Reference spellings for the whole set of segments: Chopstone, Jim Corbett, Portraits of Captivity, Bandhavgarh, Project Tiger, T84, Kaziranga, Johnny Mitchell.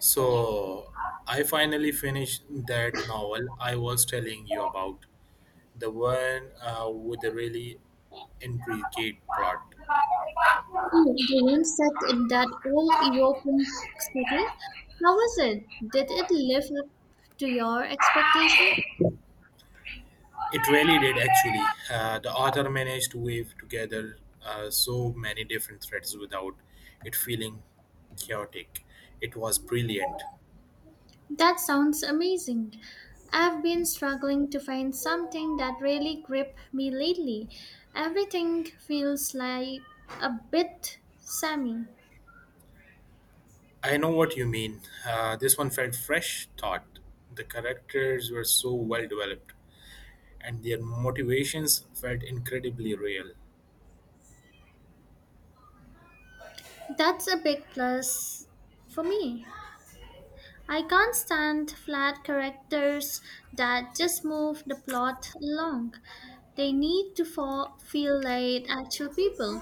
So I finally finished that novel I was telling you about, the one with the really intricate plot. Oh, the one set in that old European city? How was it? Did it live up to your expectation? It really did actually. The author managed to weave together so many different threads without it feeling chaotic. It was brilliant. That sounds amazing. I've been struggling to find something that really gripped me lately. Everything feels like a bit sammy. I know what you mean. This one felt fresh, thought. The characters were so well developed, and their motivations felt incredibly real. That's a big plus for me. I can't stand flat characters that just move the plot along. They need to feel like actual people.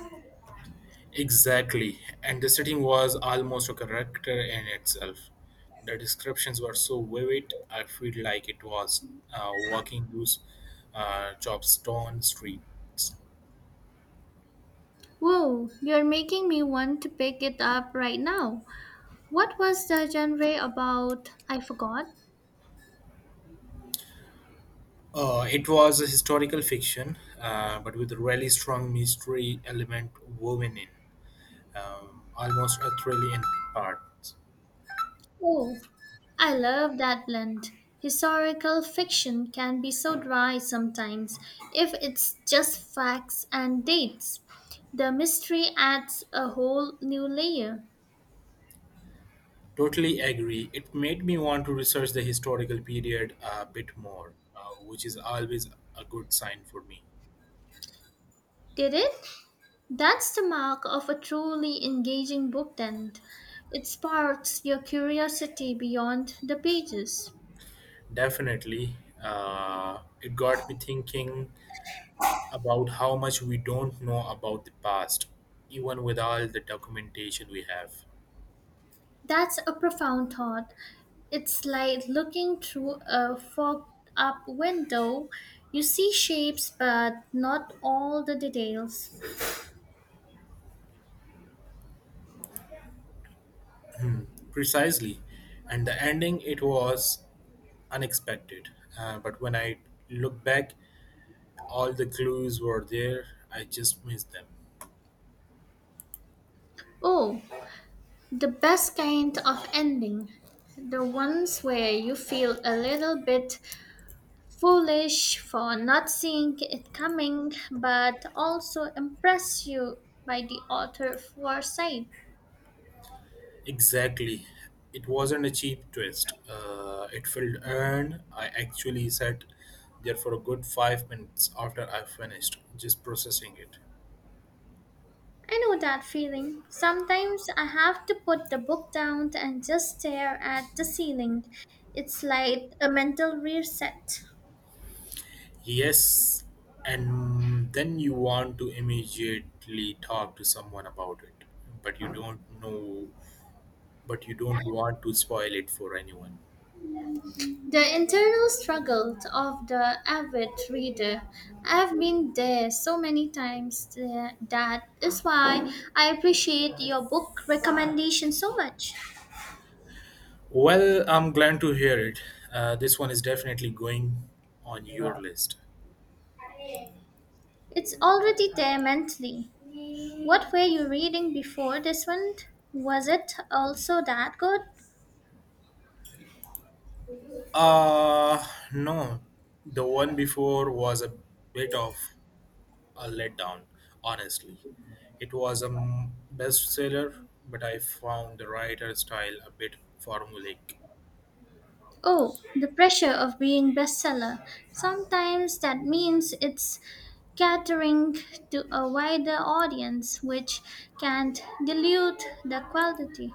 Exactly, and the setting was almost a character in itself. The descriptions were so vivid, I feel like it was walking those Chopstone streets. Whoa, you're making me want to pick it up right now. What was the genre about? I forgot. It was a historical fiction, but with a really strong mystery element woven in. Almost a trillion parts. Oh, I love that blend. Historical fiction can be so dry sometimes if it's just facts and dates. The mystery adds a whole new layer. Totally agree. It made me want to research the historical period a bit more, which is always a good sign for me. Did it? That's the mark of a truly engaging book, then. It sparks your curiosity beyond the pages. Definitely, it got me thinking about how much we don't know about the past, even with all the documentation we have. That's a profound thought. It's like looking through a fogged up window. You see shapes, but not all the details. Precisely. And the ending, it was unexpected. But when I look back, all the clues were there. I just missed them. Oh, the best kind of ending. The ones where you feel a little bit foolish for not seeing it coming, but also impress you by the author foresight. Exactly. It wasn't a cheap twist. It felt earned. I actually sat there for a good 5 minutes after I finished, just processing it. I know that feeling. Sometimes I have to put the book down and just stare at the ceiling. It's like a mental reset. Yes, and then you want to immediately talk to someone about it, but you don't know, but you don't want to spoil it for anyone. The internal struggle of the avid reader. I've been there so many times. That is why I appreciate your book recommendation so much. Well, I'm glad to hear it. This one is definitely going on your list. It's already there mentally. What were you reading before this one? Was it also that good? Uh no. The one before was a bit of a letdown, honestly. It was a bestseller, but I found the writer style a bit formulaic. Oh, the pressure of being bestseller. Sometimes that means it's catering to a wider audience, which can dilute the quality.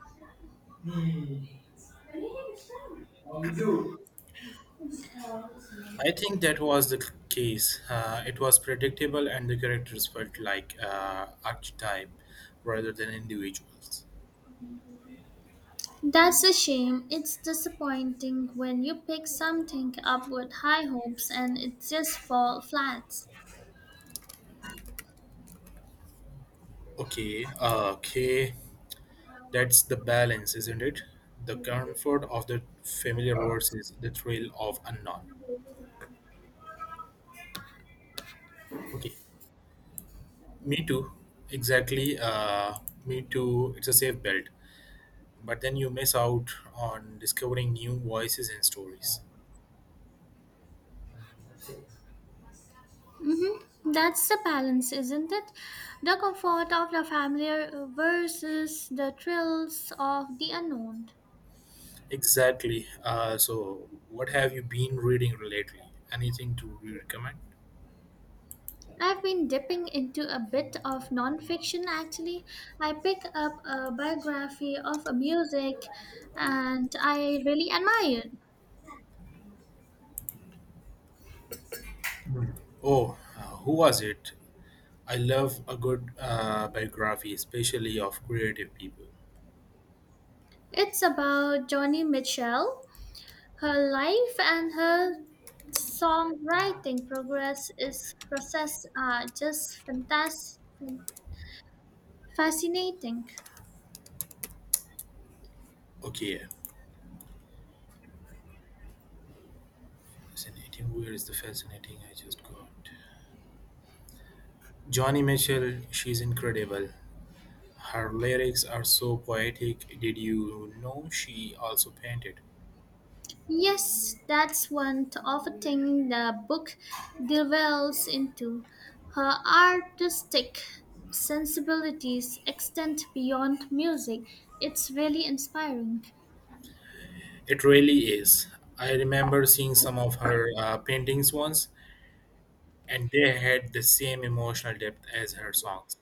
I think that was the case. It was predictable, and the characters felt like archetype rather than individuals. That's a shame. It's disappointing when you pick something up with high hopes and it just falls flat. Okay, okay. That's the balance, isn't it? The comfort of the familiar versus the thrill of unknown. Okay. Me too. Exactly. Me too. It's a safe belt. But then you miss out on discovering new voices and stories. Mm-hmm. That's the balance, isn't it? The comfort of the familiar versus the thrills of the unknown. Exactly. So, what have you been reading lately? Anything to recommend? I've been dipping into a bit of nonfiction actually. I picked up a biography of a music and I really admire it. Oh, who was it? I love a good biography, especially of creative people. It's about Johnny Mitchell. Her life and her songwriting progress is process are just fascinating. Okay, fascinating. Where is the fascinating I just got? Johnny Mitchell, she's incredible. Her lyrics are so poetic. Did you know she also painted? Yes, that's one of the thing the book delves into. Her artistic sensibilities extend beyond music. It's really inspiring. It really is. I remember seeing some of her paintings once, and they had the same emotional depth as her songs.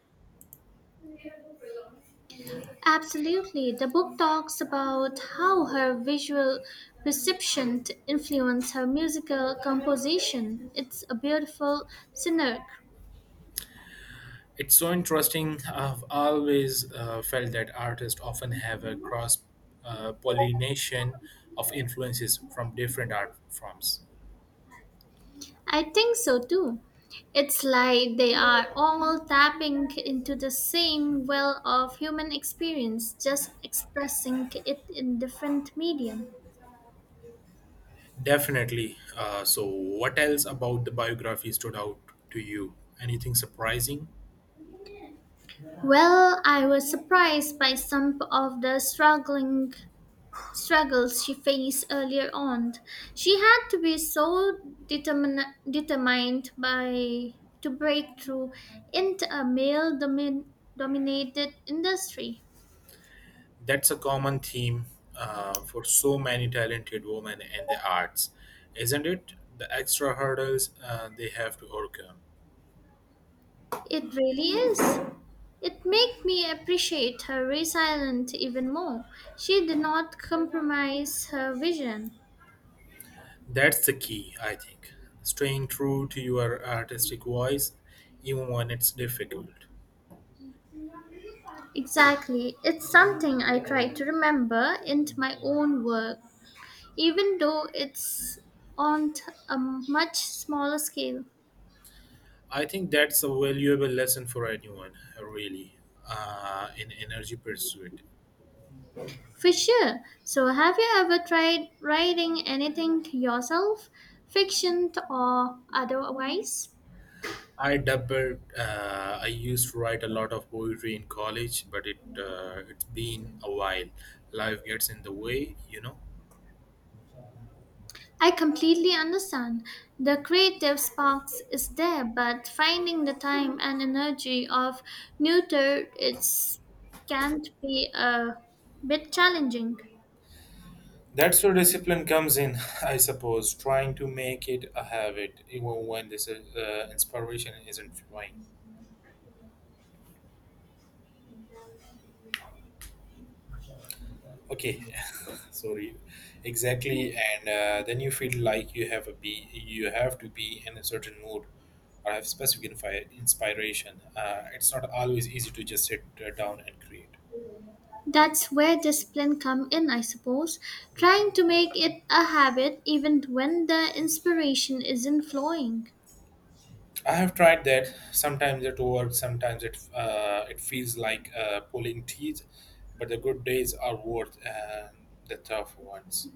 Absolutely. The book talks about how her visual perception influenced her musical composition. It's a beautiful synergy. It's so interesting. I've always felt that artists often have a cross pollination of influences from different art forms. I think so too. It's like they are all tapping into the same well of human experience, just expressing it in different medium. Definitely. So, what else about the biography stood out to you? Anything surprising? Well, I was surprised by some of the struggling struggles she faced earlier on. She had to be so determin determined by to break through into a dominated industry. That's a common theme for so many talented women in the arts, isn't it? The extra hurdles they have to overcome. It really is. It made me appreciate her resilience even more. She did not compromise her vision. That's the key, I think. Staying true to your artistic voice, even when it's difficult. Exactly. It's something I try to remember into my own work, even though it's on t- a much smaller scale. I think that's a valuable lesson for anyone, really, in energy pursuit. For sure. So, have you ever tried writing anything yourself, fiction or otherwise? I doubled. I used to write a lot of poetry in college, but it's been a while. Life gets in the way, you know. I completely understand. The creative sparks is there, but finding the time and energy of neuter it can not be a bit challenging. That's where discipline comes in, I suppose, trying to make it a habit, even when this inspiration isn't flowing. Okay, sorry, exactly. And then you feel like you have a be, you have to be in a certain mood, or have specific inspiration. It's not always easy to just sit down and create. That's where discipline come in, I suppose. Trying to make it a habit even when the inspiration isn't flowing. I have tried that. Sometimes it works. Sometimes it feels like pulling teeth, but the good days are worth the tough ones.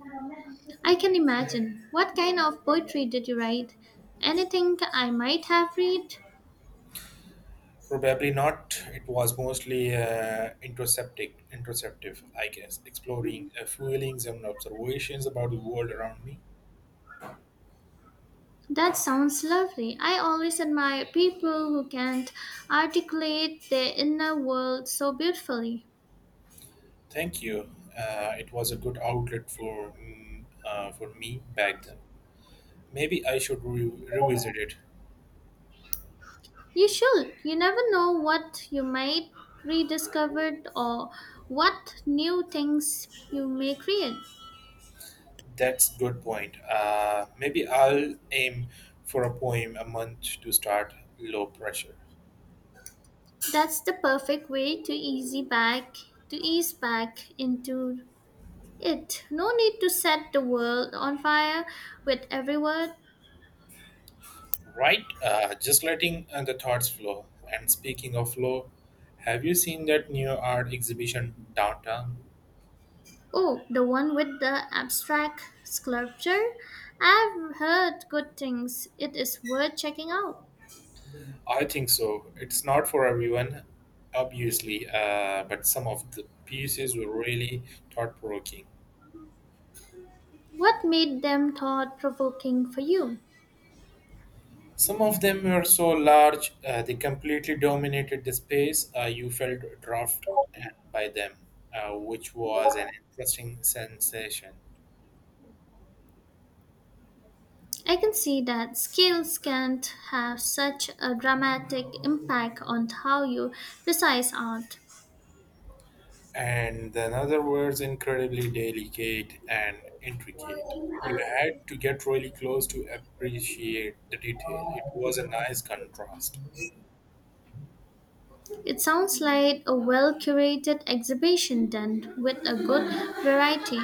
I can imagine. What kind of poetry did you write? Anything I might have read? Probably not. It was mostly introspective, I guess, exploring feelings and observations about the world around me. That sounds lovely. I always admire people who can articulate their inner world so beautifully. Thank you. It was a good outlet for for me back then. Maybe I should revisit it. You should. You never know what you might rediscover or what new things you may create. That's good point. Maybe I'll aim for a poem a month to start low pressure. That's the perfect way to easy back to ease back into it. No need to set the world on fire with every word. Right, just letting the thoughts flow. And speaking of flow, have you seen that new art exhibition downtown? Oh, the one with the abstract sculpture? I've heard good things. It is worth checking out. I think so. It's not for everyone, obviously, but some of the pieces were really thought provoking. What made them thought provoking for you? Some of them were so large, they completely dominated the space. You felt drafted by them, which was an interesting sensation. I can see that skills can't have such a dramatic impact on how you precise art. And the another was incredibly delicate and intricate. You had to get really close to appreciate the detail. It was a nice contrast. It sounds like a well curated exhibition then, with a good variety.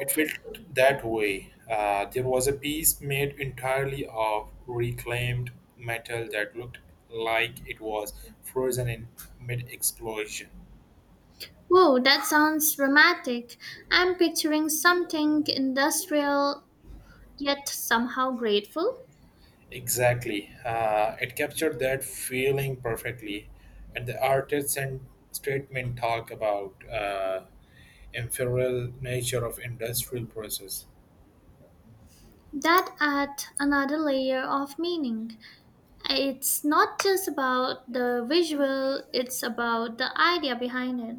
It felt that way. There was a piece made entirely of reclaimed metal that looked like it was frozen in mid explosion. Whoa, that sounds dramatic. I'm picturing something industrial yet somehow grateful. Exactly. It captured that feeling perfectly. And the artist and statement talk about. Ephemeral nature of industrial process. That adds another layer of meaning. It's not just about the visual, it's about the idea behind it.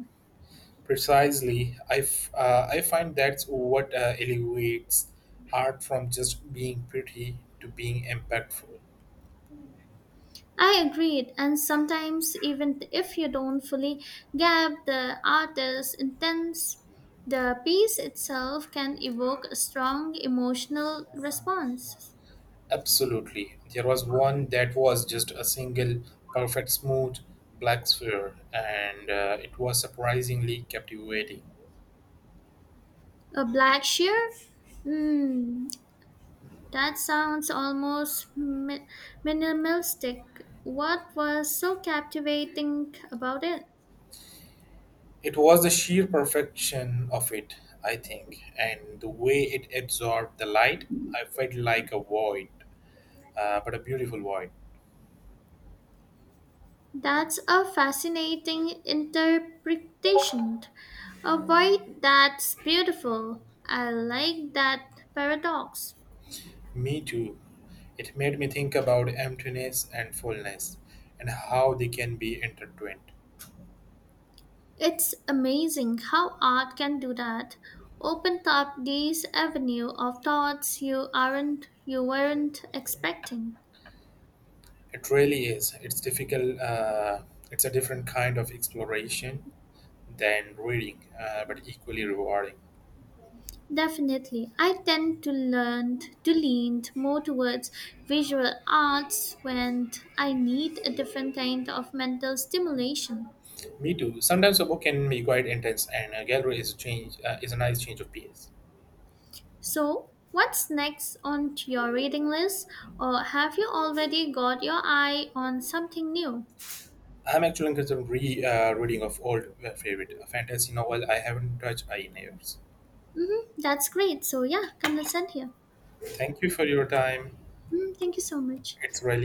Precisely, I find that's what elevates art from just being pretty to being impactful. I agreed, and sometimes even if you don't fully get the artist's intent, the piece itself can evoke a strong emotional response. Absolutely. There was one that was just a single, perfect, smooth black sphere, and it was surprisingly captivating. A black shear? That sounds almost minimalistic. What was so captivating about it? It was the sheer perfection of it, I think, and the way it absorbed the light, I felt like a void, but a beautiful void. That's a fascinating interpretation of why that's beautiful. I like that paradox. Me too. It made me think about emptiness and fullness and how they can be intertwined. It's amazing how art can do that. Opened up these avenue of thoughts you weren't expecting. It really is. It's difficult. It's a different kind of exploration than reading, but equally rewarding. Definitely. I tend to lean more towards visual arts when I need a different kind of mental stimulation. Me too. Sometimes a book can be quite intense, and a gallery is a change is a nice change of pace. So, what's next on to your reading list or have you already got your eye on something new? I'm actually considering re reading of old favorite, a fantasy novel I haven't touched in years. Hmm, that's great. So, yeah, come listen here. Thank you for your time. Mhm, thank you so much. It's really